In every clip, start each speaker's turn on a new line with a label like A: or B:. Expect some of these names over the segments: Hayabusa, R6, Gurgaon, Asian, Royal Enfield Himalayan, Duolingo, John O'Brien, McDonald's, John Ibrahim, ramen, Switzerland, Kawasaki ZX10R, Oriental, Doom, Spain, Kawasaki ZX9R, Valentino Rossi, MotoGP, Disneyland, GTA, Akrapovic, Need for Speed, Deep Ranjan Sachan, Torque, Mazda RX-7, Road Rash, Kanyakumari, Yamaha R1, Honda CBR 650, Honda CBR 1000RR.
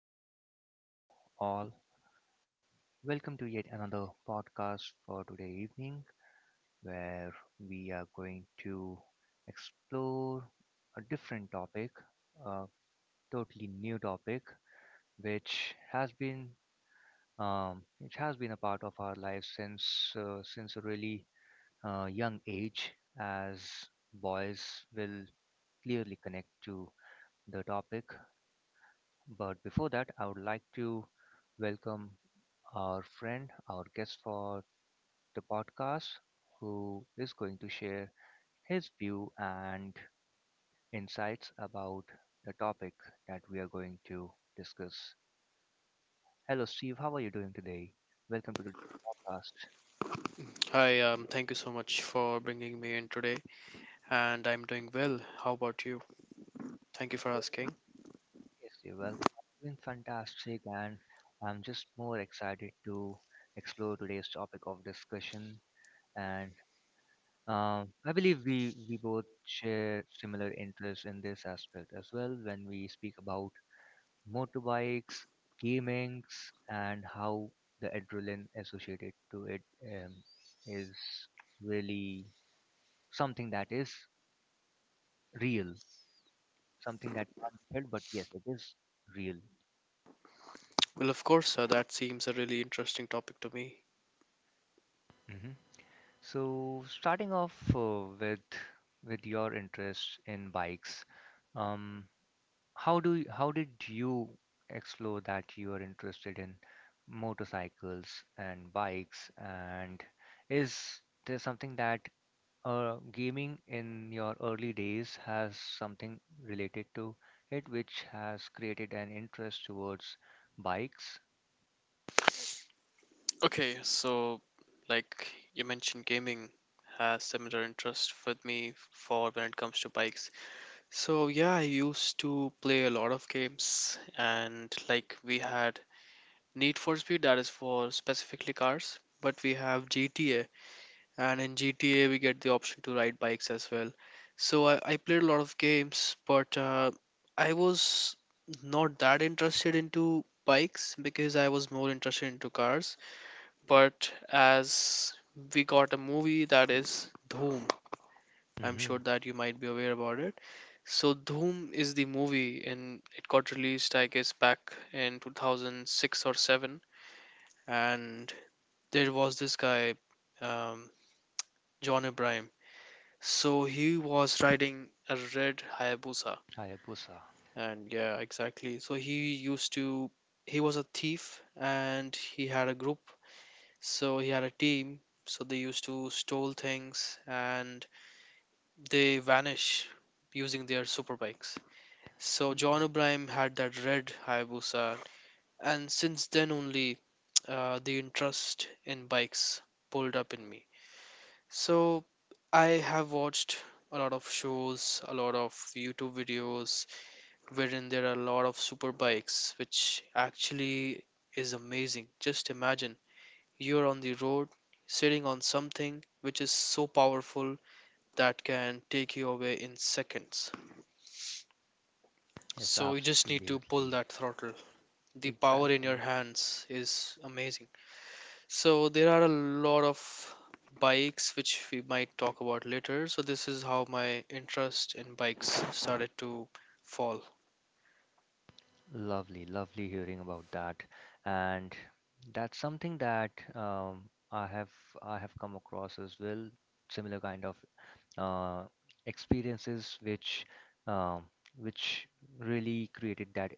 A: good evening to all. Welcome to yet another podcast for today evening where we are going to explore a different topic, a totally new topic which has been a part of our lives since a really young age as boys will clearly connect to the topic. But before that, I would like to welcome our friend, our guest for the podcast, who is going to share his view and insights about the topic that we are going to discuss. Hello, Steve. How are you doing today? Welcome to today's podcast.
B: Hi, thank you so much for bringing me in today, and I'm doing well. How about you? Thank you for asking.
A: Yes, you're welcome. I'm doing fantastic, and I'm just more excited to explore today's topic of discussion. And I believe we both share similar interests in this aspect as well when we speak about motorbikes, gamings, and how the adrenaline associated to it um, is really something that is real, something that can't be felt, but yes, it is real.
B: Well, of course, that seems a really interesting topic to me.
A: hmm So starting off with your interest in bikes, um, how do you, how did you explore that you are interested in motorcycles and bikes? And is there something that gaming in your early days has something related to it, which has created an interest towards bikes?
B: Okay, so like you mentioned, gaming has similar interest with me for when it comes to bikes. So yeah, I used to play a lot of games, and like we had Need for Speed, that is for specifically cars, but we have GTA, and in GTA we get the option to ride bikes as well. So I played a lot of games, but I was not that interested into bikes because I was more interested into cars. But as we got a movie that is Dhoom. I'm sure
A: Mm-hmm.
B: that you might be aware about it. So Dhoom is the movie, and it got released I guess back in 2006 or seven, and there was this guy. Um, John Ibrahim. So he was riding a red Hayabusa,
A: Hayabusa.
B: and yeah, exactly. So he was a thief, and he had a group. So he had a team. So they used to stole things, and they vanish using their super bikes. So John O'Brien had that red Hayabusa, and since then only, the interest in bikes pulled up in me. So I have watched a lot of shows, a lot of YouTube videos wherein there are a lot of super bikes, which actually is amazing. Just imagine you're on the road sitting on something which is so powerful that can take you away in seconds.
A: Yes,
B: So you just need to pull
A: absolutely.
B: that throttle. The power in your
A: Exactly.
B: hands is amazing. So there are a lot of bikes which we might talk about later. So this is how my interest in bikes started to fall.
A: Lovely, lovely hearing about that, and that's something that I have come across as well. Similar kind of uh, experiences, which um, which really created that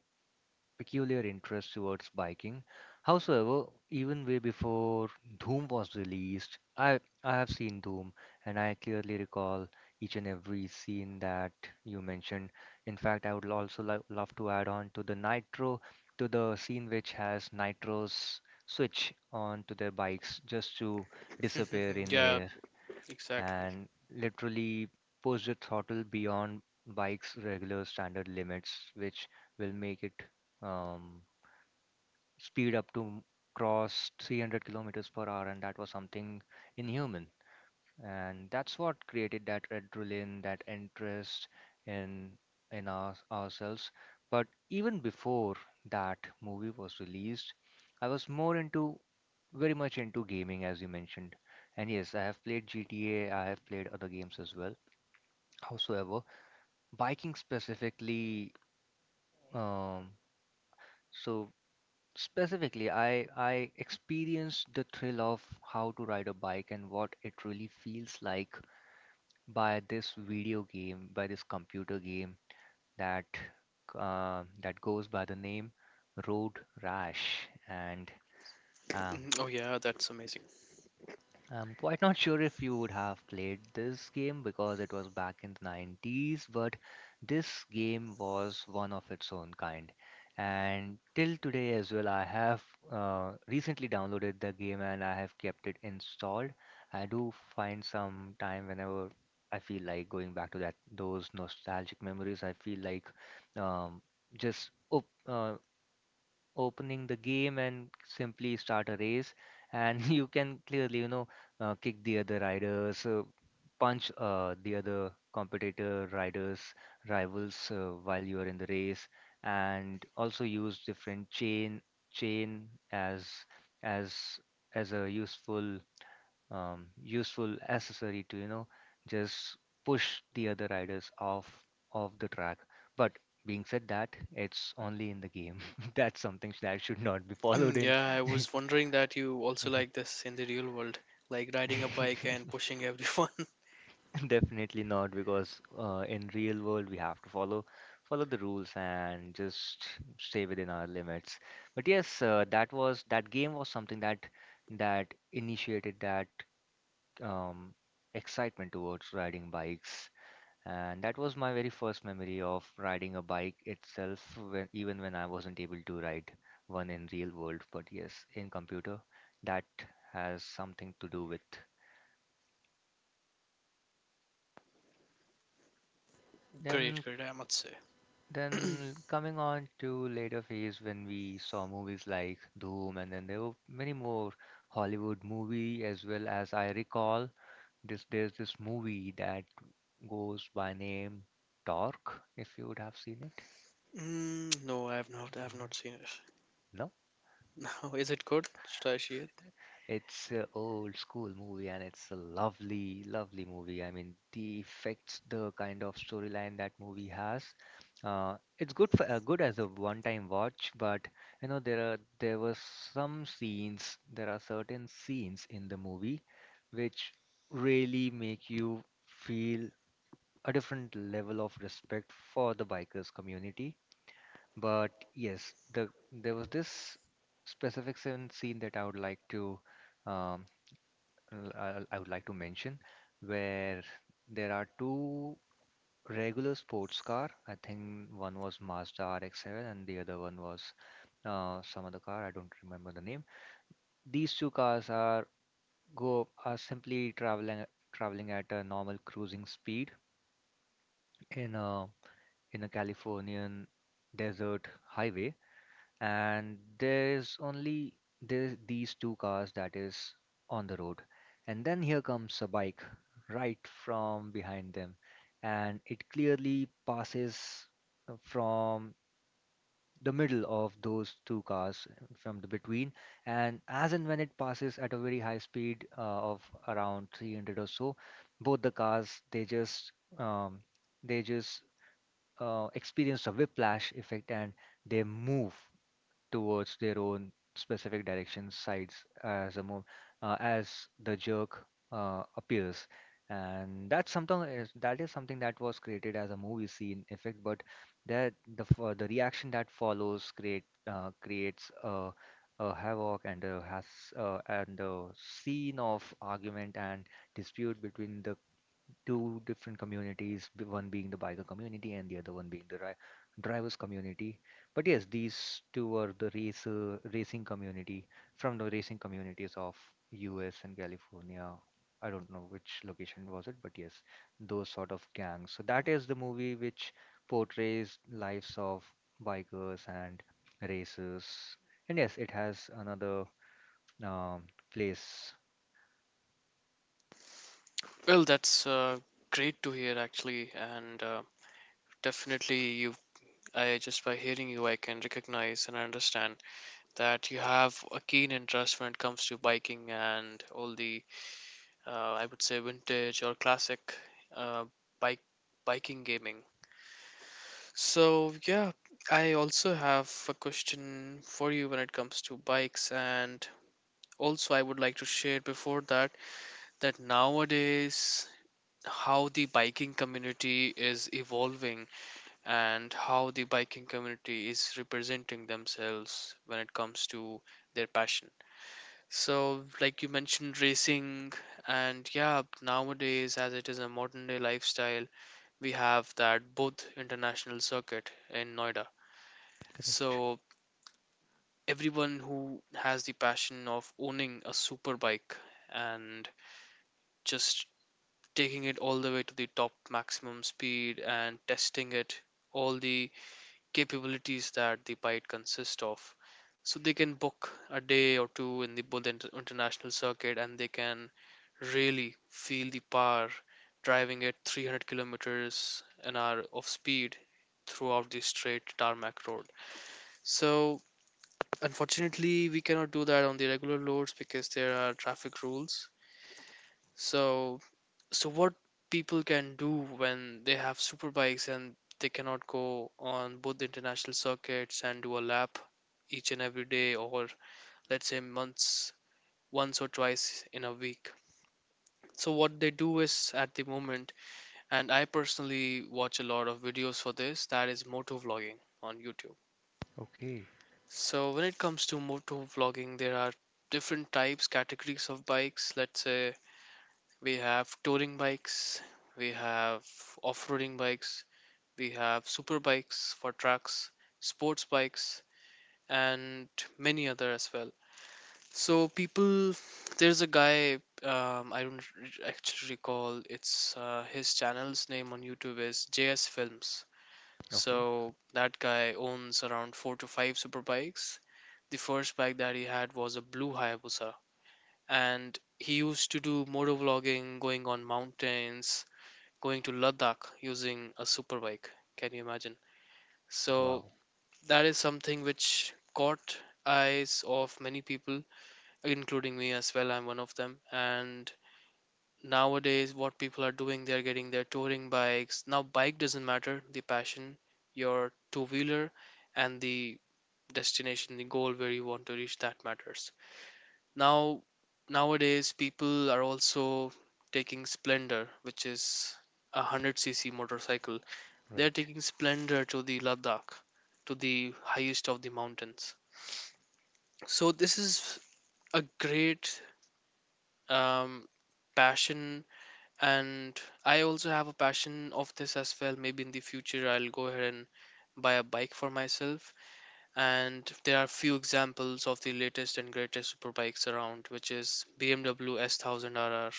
A: peculiar interest towards biking. However, even way before Doom was released, I have seen Doom and I clearly recall each and every scene that you mentioned. In fact, I would also love to add on to the Nitro, to the scene which has Nitro's switch on to their bikes just to disappear in
B: Yeah,
A: air
B: exactly.
A: and literally push the throttle beyond bike's regular standard limits, which will make it um, speed up to cross 300 kilometers per hour, and that was something inhuman. And that's what created that adrenaline, that interest in ourselves. But even before that movie was released, I was more into very much into gaming, as you mentioned. And yes, I have played GTA, I have played other games as well. Howsoever, biking specifically, um, so specifically, I experienced the thrill of how to ride a bike and what it really feels like by this video game, by this computer game that that goes by the name Road Rash. And um,
B: Mhm. Oh yeah, that's amazing.
A: I'm quite not sure if you would have played this game because it was back in the 90s, but this game was one of its own kind. And till today as well, I have recently downloaded the game and I have kept it installed. I do find some time whenever I feel like going back to that those nostalgic memories. I feel like um, just op- uh, opening the game and simply start a race, and you can clearly, you know, kick the other riders, punch the other competitor riders, rivals while you are in the race, and also use different chain as as a useful useful accessory to, you know, just push the other riders off the track. But being said that, it's only in the game that's something that should not be followed
B: Mm.
A: in.
B: Yeah, I was wondering that you also like this in the real world, like riding a bike and pushing everyone.
A: Definitely not, because in real world we have to follow the rules and just stay within our limits. But yes, that was that game was something that initiated that um, excitement towards riding bikes. And that was my very first memory of riding a bike itself, even when I wasn't able to ride one in real world. But yes, in computer, that has something to do with.
B: Great,
A: Then,
B: great, I must say.
A: then coming on to later phase when we saw movies like Doom, and then there were many more Hollywood movie as well. As I recall, this there's this movie that goes by name Torque, if you would have seen it.
B: Mm, no, I have not. I have not seen it.
A: No?
B: No, is it good? Should I see it?
A: It's a old school movie and it's a lovely, lovely movie. I mean, the effects, the kind of storyline that movie has, it's good for good as a one-time watch. But you know, there were some scenes, there are certain scenes in the movie which really make you feel a different level of respect for the bikers community. But yes, the there was this specific scene that I would like to um, l- I I would like to mention, where there are two regular sports car. I think one was Mazda RX-7 and the other one was some other car. I don't remember the name. These two cars are go are simply traveling at a normal cruising speed in a Californian desert highway, and there's these two cars that is on the road. And then here comes a bike right from behind them, and it clearly passes from the middle of those two cars, from the between. And as and when it passes at a very high speed of around 300 or so, both the cars they just um, they just experience a whiplash effect and they move towards their own specific direction sides as a move, as the jerk appears. And that is something that was created as a movie scene effect, but the reaction that follows creates a havoc and a has and a scene of argument and dispute between the two different communities, one being the biker community and the other one being the ri drivers community. But yes, these two are the race racing community, from the racing communities of US and California. I don't know which location was it, but yes, those sort of gangs. So that is the movie which portrays lives of bikers and racers. And yes, it has another um, place.
B: Well, that's great to hear, actually, and definitely, I just by hearing you, I can recognize and understand that you have a keen interest when it comes to biking and I would say, vintage or classic uh, bike biking gaming. So yeah, I also have a question for you when it comes to bikes, and also I would like to share before that that nowadays how the biking community is evolving and how the biking community is representing themselves when it comes to their passion. So, like you mentioned, racing, and yeah, nowadays, as it is a modern day lifestyle, we have that both international circuit in Noida.
A: Correct.
B: So, everyone who has the passion of owning a super bike and just taking it all the way to the top maximum speed and testing it all the capabilities that the bite consists of. So they can book a day or two in the both international circuit, and they can really feel the power driving at 300 kilometers an hour of speed throughout the straight tarmac road. So unfortunately, we cannot do that on the regular loads because there are traffic rules. So so what people can do when they have super bikes and they cannot go on both the international circuits and do a lap each and every day, or let's say months, once or twice in a week. So what they do is at the moment, and I personally watch a lot of videos for this, that is moto vlogging on YouTube.
A: Okay.
B: So when it comes to moto vlogging, there are different types categories of bikes. Let's say we have touring bikes, we have off-roading bikes, we have super bikes for tracks, sports bikes, and many other as well. So people, there's a guy, I don't re- actually recall. It's his channel's name on YouTube is JS Films.
A: Okay.
B: So that guy owns around four to five super bikes. The first bike that he had was a blue Hayabusa, and he used to do motor vlogging, going on mountains, going to Ladakh using a super bike. Can you imagine? So
A: Wow.
B: that is something which caught eyes of many people, including me as well. I'm one of them. And nowadays, what people are doing, they're getting their touring bikes. Now, bike doesn't matter, the passion, your two wheeler, and the destination, the goal where you want to reach, that matters. Now, nowadays, people are also taking Splendor, which is a 100cc motorcycle. They're
A: Right.
B: taking Splendor to the Ladakh, to the highest of the mountains. So this is a great um, passion, and I also have a passion of this as well. Maybe in the future, I'll go ahead and buy a bike for myself. And there are few examples of the latest and greatest super bikes around, which is BMW S1000RR.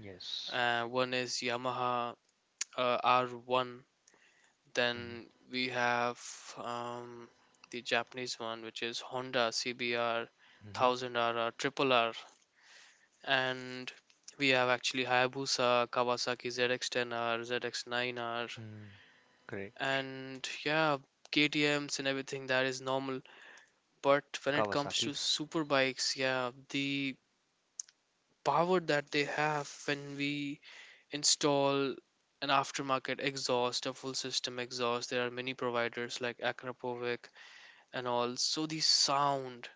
A: Yes.
B: One is Yamaha R1.
A: Mhm,
B: Then we have um, the Japanese one, which is Honda CBR
A: mhm,
B: 1000RR, Triple R, and we have actually Hayabusa, Kawasaki ZX10R, ZX9R,
A: mm, correct.
B: and yeah, KTM's and everything that is normal. But when it comes
A: Kawasaki.
B: to super bikes, yeah, the power that they have when we install an aftermarket exhaust, a full system exhaust, there are many providers like Akrapovic and all. So the sound,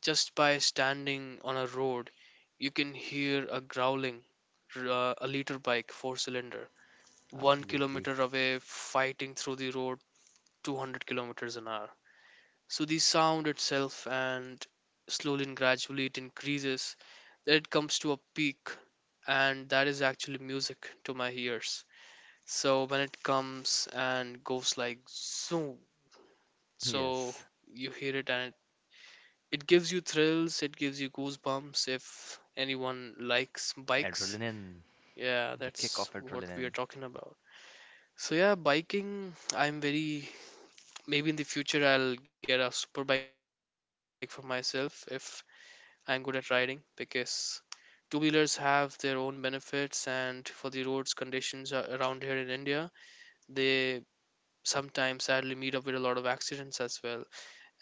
B: just by standing on a road, you can hear a growling, a liter bike, four cylinder, one
A: Absolutely.
B: kilometer away, fighting through the road, 200 kilometers an hour. So the sound itself, and slowly and gradually it increases, then it comes to a peak, and that is actually music to my ears. So when it comes and goes like zoom, so
A: Yes.
B: you hear it, and it gives you thrills, it gives you goosebumps if anyone likes bikes.
A: Adrenaline.
B: Yeah,
A: The kick of
B: that's what we are
A: adrenaline.
B: talking about. So yeah, biking, I'm very, maybe in the future I'll get a super bike for myself if I'm good at riding, because two-wheelers have their own benefits, and for the roads conditions around here in India, they sometimes sadly meet up with a lot of accidents as well.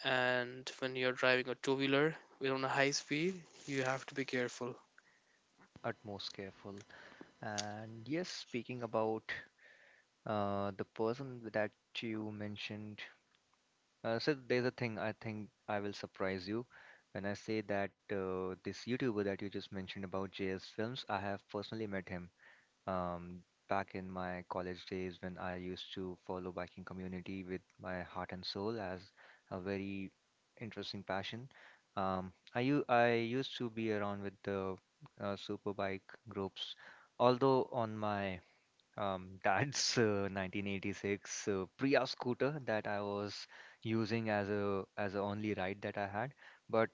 B: And when you're driving a two-wheeler with on a high speed, you have to be careful.
A: Utmost careful. And yes, speaking about the person that you mentioned, there's a thing I think I will surprise you when I say that this YouTuber that you just mentioned about JS Films, I have personally met him. Um, back in my college days when I used to follow biking community with my heart and soul as a very interesting passion. I used to be around with the super bike groups, although on my dad's 1986 Priya scooter that I was using as a only ride that I had, but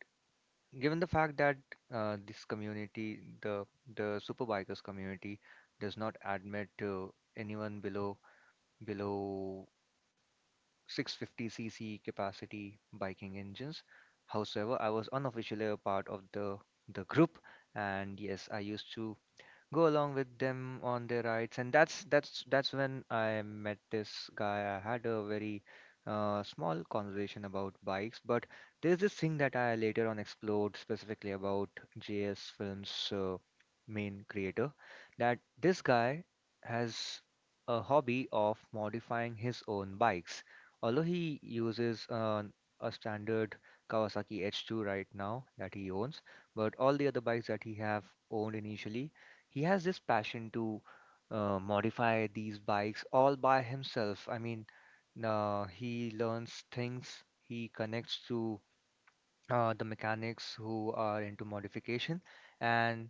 A: given the fact that this community, the superbikers community, does not admit anyone below 650cc capacity biking engines. However, I was unofficially a part of the group, and yes, I used to go along with them on their rides, and that's when I met this guy. I had a very small conversation about bikes, but there's this thing that I later on explored specifically about JS Films, main creator, that this guy has a hobby of modifying his own bikes. Although he uses an a standard Kawasaki H2 right now that he owns, but all the other bikes that he have owned initially, he has this passion to modify these bikes all by himself. I mean, he learns things, he connects to the mechanics who are into modification, and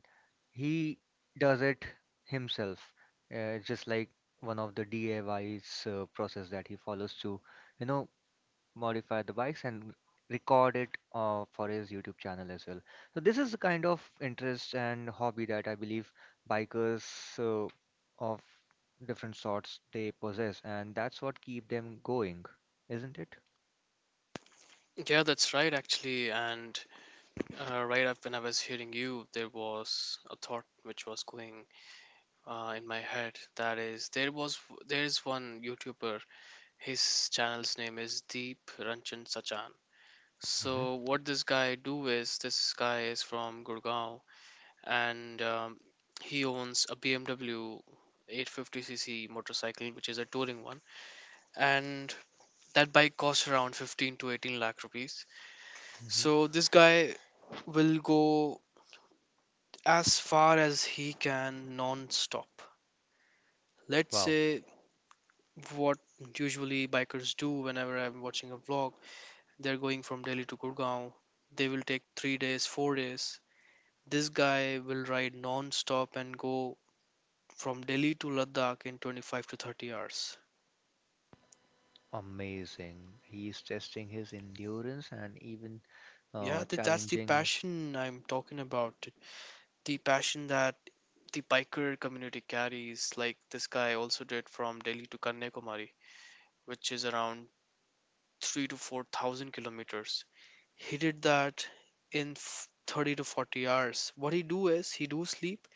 A: he does it himself. Just like one of the DIY's process that he follows to, you know, modify the bikes and record it for his YouTube channel as well. So this is the kind of interest and hobby that I believe bikers uh, of different sorts they possess, and that's what keep them going, isn't it?
B: Yeah, that's right, actually. And right up when I was hearing you, there was a thought which was going in my head. That is, there is one YouTuber. His channel's name is Deep Ranjan Sachan. So
A: hmm
B: what this guy do is, this guy is from Gurgaon, and he owns a BMW 850cc motorcycle, which is a touring one, and that bike costs around 15 to 18 lakh rupees.
A: hmm
B: So this guy will go as far as he can non-stop, let's
A: Wow,
B: say. What usually bikers do whenever I'm watching a vlog, they're going from Delhi to Gurgaon, they will take 3 days, 4 days. This guy will ride non-stop and go from Delhi to Ladakh in 25 to 30 hours.
A: amazing! He's testing his endurance and even
B: Yeah, that's the
A: challenging.
B: passion I'm talking about, the passion that the biker community carries. Like this guy also did from Delhi to Kanyakumari, which is around 3 to 4,000 kilometers. He did that in 30 to 40 hours. What he do is he do sleep,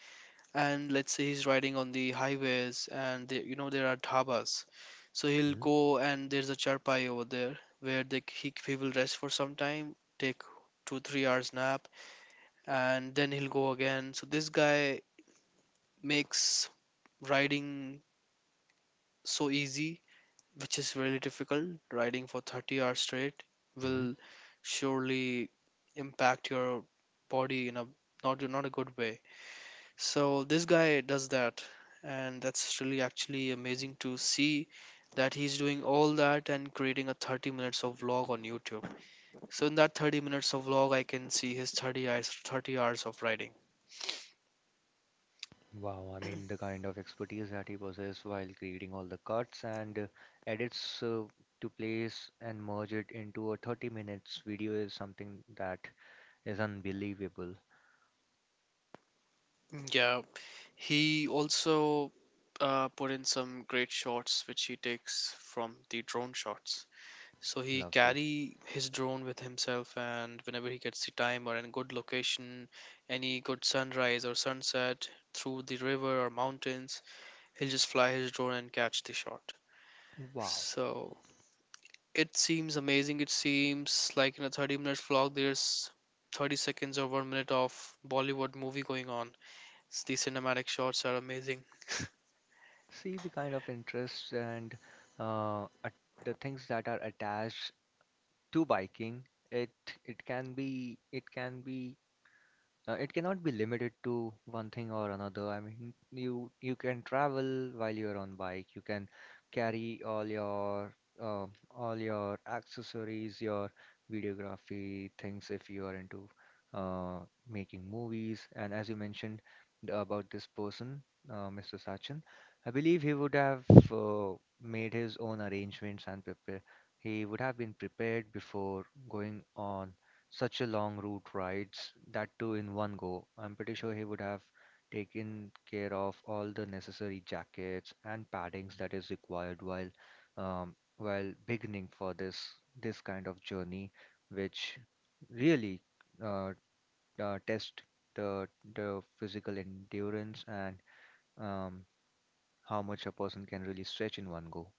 B: and let's say he's riding on the highways, and the, you know, there are dhabas. So he'll
A: Mhm,
B: go and there's a charpai over there where they, he will rest for some time, take two, 3 hours nap, and then he'll go again. So this guy makes riding so easy, which is really difficult. Riding for 30 hours straight
A: mhm.
B: will surely impact your body in a not a good way. So this guy does that, and that's really actually amazing to see that he's doing all that and creating a 30 minutes of vlog on YouTube. So in that 30 minutes of vlog, I can see his 30 hours of riding.
A: Wow, I mean, the kind of expertise that he possessed while creating all the cuts and edits to place and merge it into a 30 minutes video is something that is unbelievable.
B: Yeah, he also put in some great shots which he takes from the drone shots. So he
A: Lovely.
B: carry his drone with himself, and whenever he gets the time or any good location, any good sunrise or sunset through the river or mountains, he'll just fly his drone and catch the shot.
A: Wow.
B: So it seems amazing. It seems like in a 30-minute vlog, there's 30 seconds or 1 minute of Bollywood movie going on. The cinematic shots are amazing.
A: See the kind of interests and at the things that are attached to biking. It it can be it can be it cannot be limited to one thing or another. I mean, you can travel while you're on bike. You can carry uh, all your accessories, your videography things if you are into uh, making movies. And as you mentioned about this person, Mr. Sachin, I believe he would have uh, made his own arrangements and prepare. He would have been prepared before going on such a long route rides, that too in one go. I'm pretty sure he would have taken care of all the necessary jackets and paddings that is required while beginning for this kind of journey, which really uh, test the the physical endurance and um, how much a person can really stretch in one go.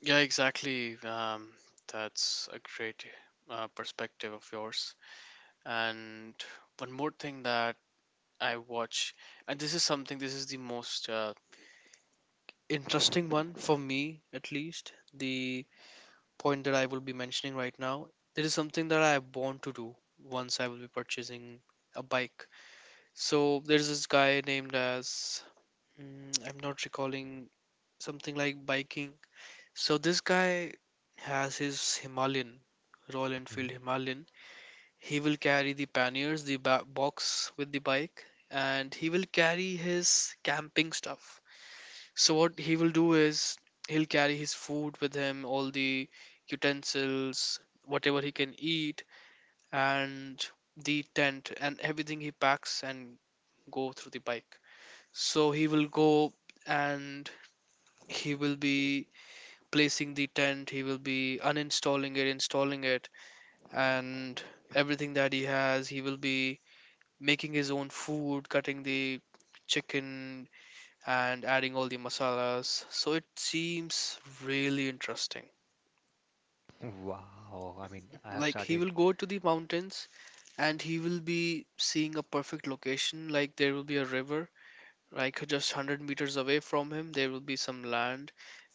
B: Yeah, exactly. That's a great perspective of yours. And one more thing that I watch, and this is something, this is the most interesting one for me, at least. The point that I will be mentioning right now, there is something that I want to do once I will be purchasing a bike. So there's this guy named as, mm, I'm not recalling, something like biking. So this guy has his Himalayan, Royal Enfield
A: Mhm.
B: Himalayan. He will carry the panniers, the box with the bike, and he will carry his camping stuff. So what he will do is he'll carry his food with him, all the utensils, whatever he can eat, and the tent and everything he packs and go through the bike. So he will go and he will be placing the tent, he will be uninstalling it, installing it, and everything that he has, he will be making his own food, cutting the chicken, and adding all the masalas. So it seems really interesting.
A: Wow, I mean, I have
B: Like he will
A: started.
B: go to the mountains and he will be seeing a perfect location. Like there will be a river, like just 100 meters away from him, there will be some land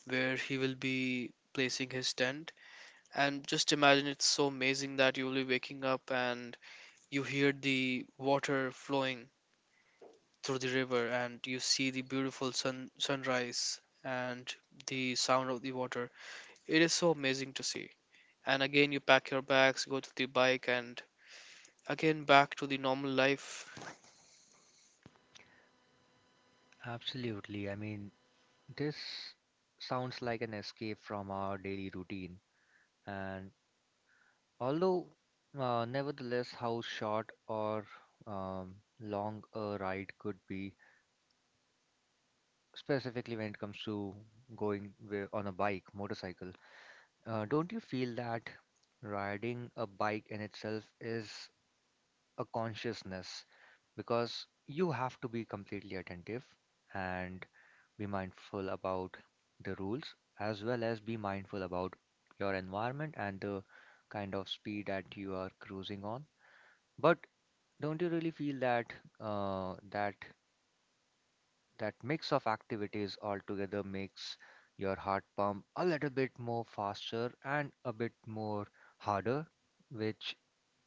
B: where he will be placing his tent. And just imagine, it's so amazing that you will be waking up and you hear the water flowing through the river and you see the beautiful sunrise and the sound of the water. It is so amazing to see. And again, you pack your bags, go to the bike, and again back to the normal life.
A: Absolutely. I mean, this sounds like an escape from our daily routine, and although nevertheless how short or long a ride could be, specifically when it comes to going on a bike, motorcycle, don't you feel that riding a bike in itself is a consciousness? Because you have to be completely attentive and be mindful about the rules as well as be mindful about your environment and the kind of speed that you are cruising on. But don't you really feel that uh, that that mix of activities altogether makes your heart pump a little bit more faster and a bit more harder, which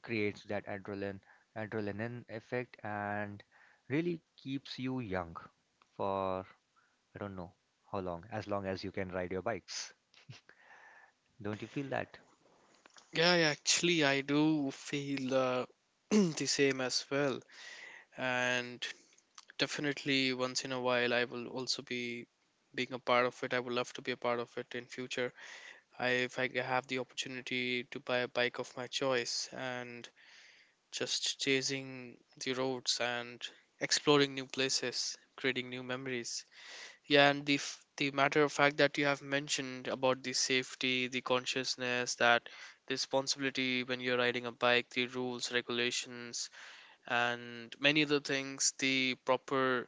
A: creates that adrenaline effect and really keeps you young for, I don't know how long as you can ride your bikes. Don't you feel that?
B: Yeah, yeah, actually, I do feel the same as well. And definitely, once in a while, I will also be being a part of it. I would love to be a part of it in future. I, if I have the opportunity to buy a bike of my choice and just chasing the roads and exploring new places, creating new memories. Yeah, and the the matter of fact that you have mentioned about the safety, the consciousness, that the responsibility when you're riding a bike, the rules, regulations, and many other things, the proper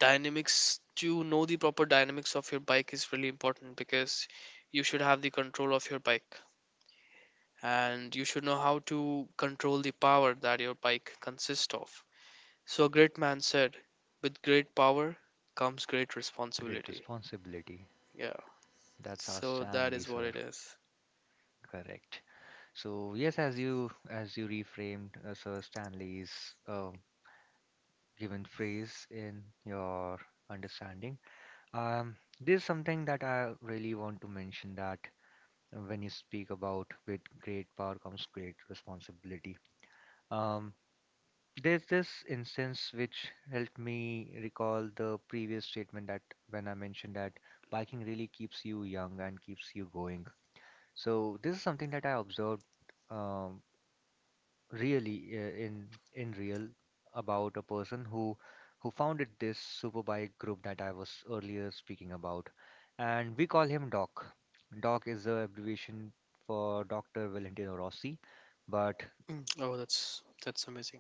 B: dynamics, to know the proper dynamics of your bike is really important, because you should have the control of your bike and you should know how to control the power that your bike consists of. So a great man said, with great power comes great
A: Great
B: responsibility.
A: responsibility.
B: Yeah.
A: That's our
B: So that
A: Stanley,
B: is what
A: sir.
B: it is.
A: Correct. So yes, as you reframed Sir Stanley's uh, given phrase in your understanding, there's something that I really want to mention that. And when you speak about with great power comes great responsibility. Um, there's this instance which helped me recall the previous statement that when I mentioned that biking really keeps you young and keeps you going. So this is something that I observed, um, really in real, about a person who founded this superbike group that I was earlier speaking about, and we call him Doc. Doc is the abbreviation for Doctor Valentino Rossi, but.
B: Mm, oh, that's amazing.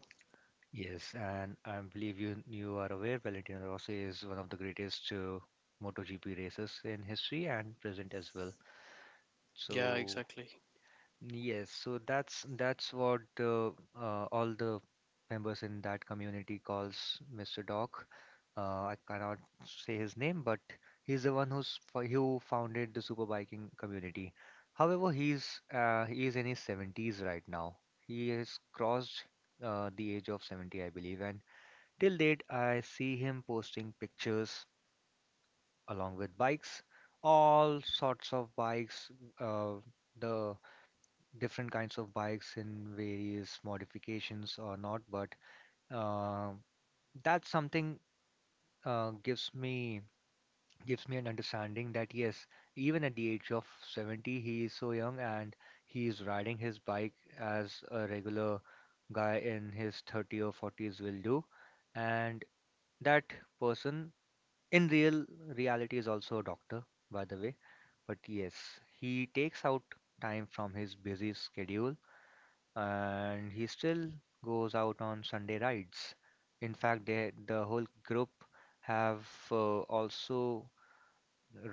A: Yes, and I believe you are aware Valentino Rossi is one of the greatest MotoGP races in history and present as well.
B: Yeah,
A: So.
B: exactly.
A: Yes, so that's what the all the members in that community calls Mr. Doc. I cannot say his name, but he's the one who founded the superbiking community. However, he is in his 70s right now. He has crossed the age of 70, I believe, and till date, I see him posting pictures along with bikes, all sorts of bikes, uh, the different kinds of bikes in various modifications or not, but uh, that's something uh, gives me gives me an understanding that yes, even at the age of 70, he is so young and he is riding his bike as a regular guy in his 30 or 40s will do, and that person in reality is also a doctor, by the way. But yes, he takes out time from his busy schedule and he still goes out on Sunday rides. In fact, they, the whole group have also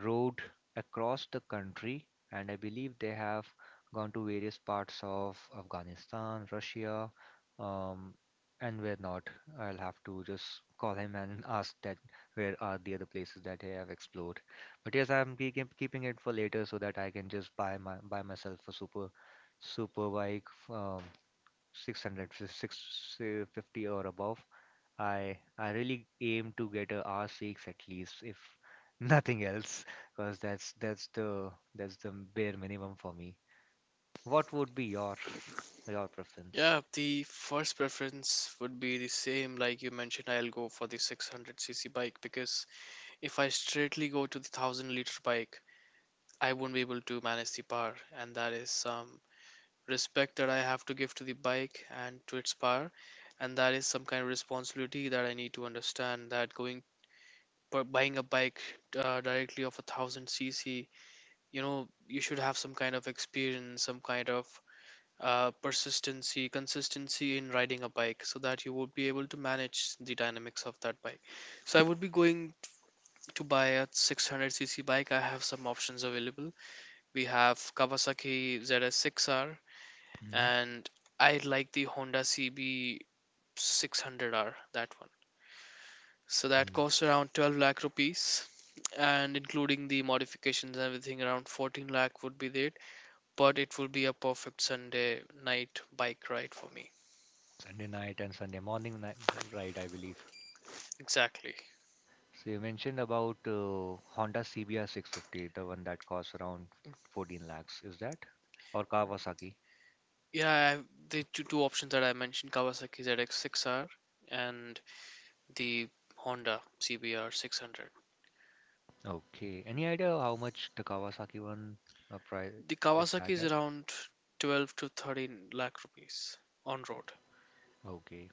A: rode across the country, and I believe they have gone to various parts of Afghanistan, Russia, um, and where not. I'll have to just call him and ask that where are the other places that they have explored. But yes, I'm keeping it for later so that I can just buy myself a super bike, um, 600 or above. I i really aim to get a R6 at least, if nothing else, because that's the bare minimum for me. What would be your preference?
B: Yeah, the first preference would be the same like you mentioned. I'll go for the 600cc bike, because if I straightly go to the 1000 liter bike, I won't be able to manage the power, and that is some respect that I have to give to the bike and to its power. And that is some kind of responsibility that I need to understand, that going buying a bike directly of a thousand cc, you know, you should have some kind of experience, some kind of persistency, consistency in riding a bike, so that you would be able to manage the dynamics of that bike. So I would be going to buy a 600cc bike. I have some options available. We have Kawasaki ZS6R,
A: Hmm.
B: and I like the Honda cb 600R. That, so that
A: Mhm.
B: costs around 12 lakh rupees, and including the modifications and everything, around 14 lakh would be there. But it will be a perfect Sunday night bike ride for me.
A: Sunday night and Sunday morning night ride, I believe.
B: Exactly.
A: So you mentioned about Honda CBR 650, the one that costs around 14 lakhs. Is that or Kawasaki?
B: Yeah, I have the two options that I mentioned, Kawasaki ZX6R and the Honda cbr 600.
A: Okay. Any idea how much the Kawasaki one, price,
B: The
A: is
B: Kawasaki
A: tagged
B: is
A: at?
B: around 12 to 13 lakh rupees on road.
A: Okay.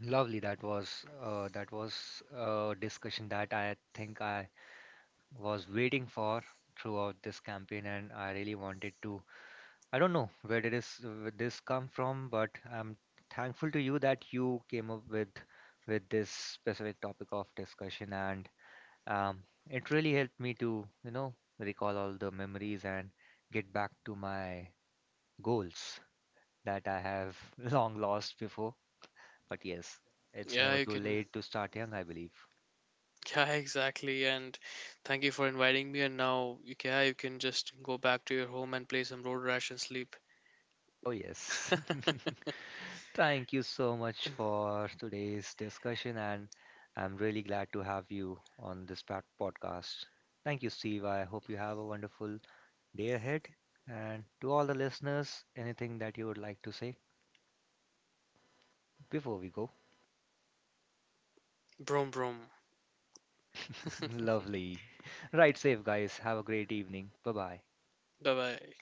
A: Lovely. That was a discussion that I think I was waiting for throughout this campaign, and I really wanted to. I don't know where did this come from, but I'm thankful to you that you came up with this specific topic of discussion, and um, it really helped me to recall all the memories and get back to my goals. That I have long lost before. But yes, it's
B: Yeah,
A: never
B: you
A: too
B: can.
A: late to start young, I believe.
B: Yeah, exactly. And thank you for inviting me. And now, you yeah, you can just go back to your home and play some Road Rash and sleep.
A: Oh, yes. Thank you so much for today's discussion, and I'm really glad to have you on this podcast. Thank you, Steve. I hope you have a wonderful day ahead. And to all the listeners, anything that you would like to say before we go?
B: Brom, brom.
A: Lovely. Right safe, guys. Have a great evening. Bye bye.
B: Bye bye.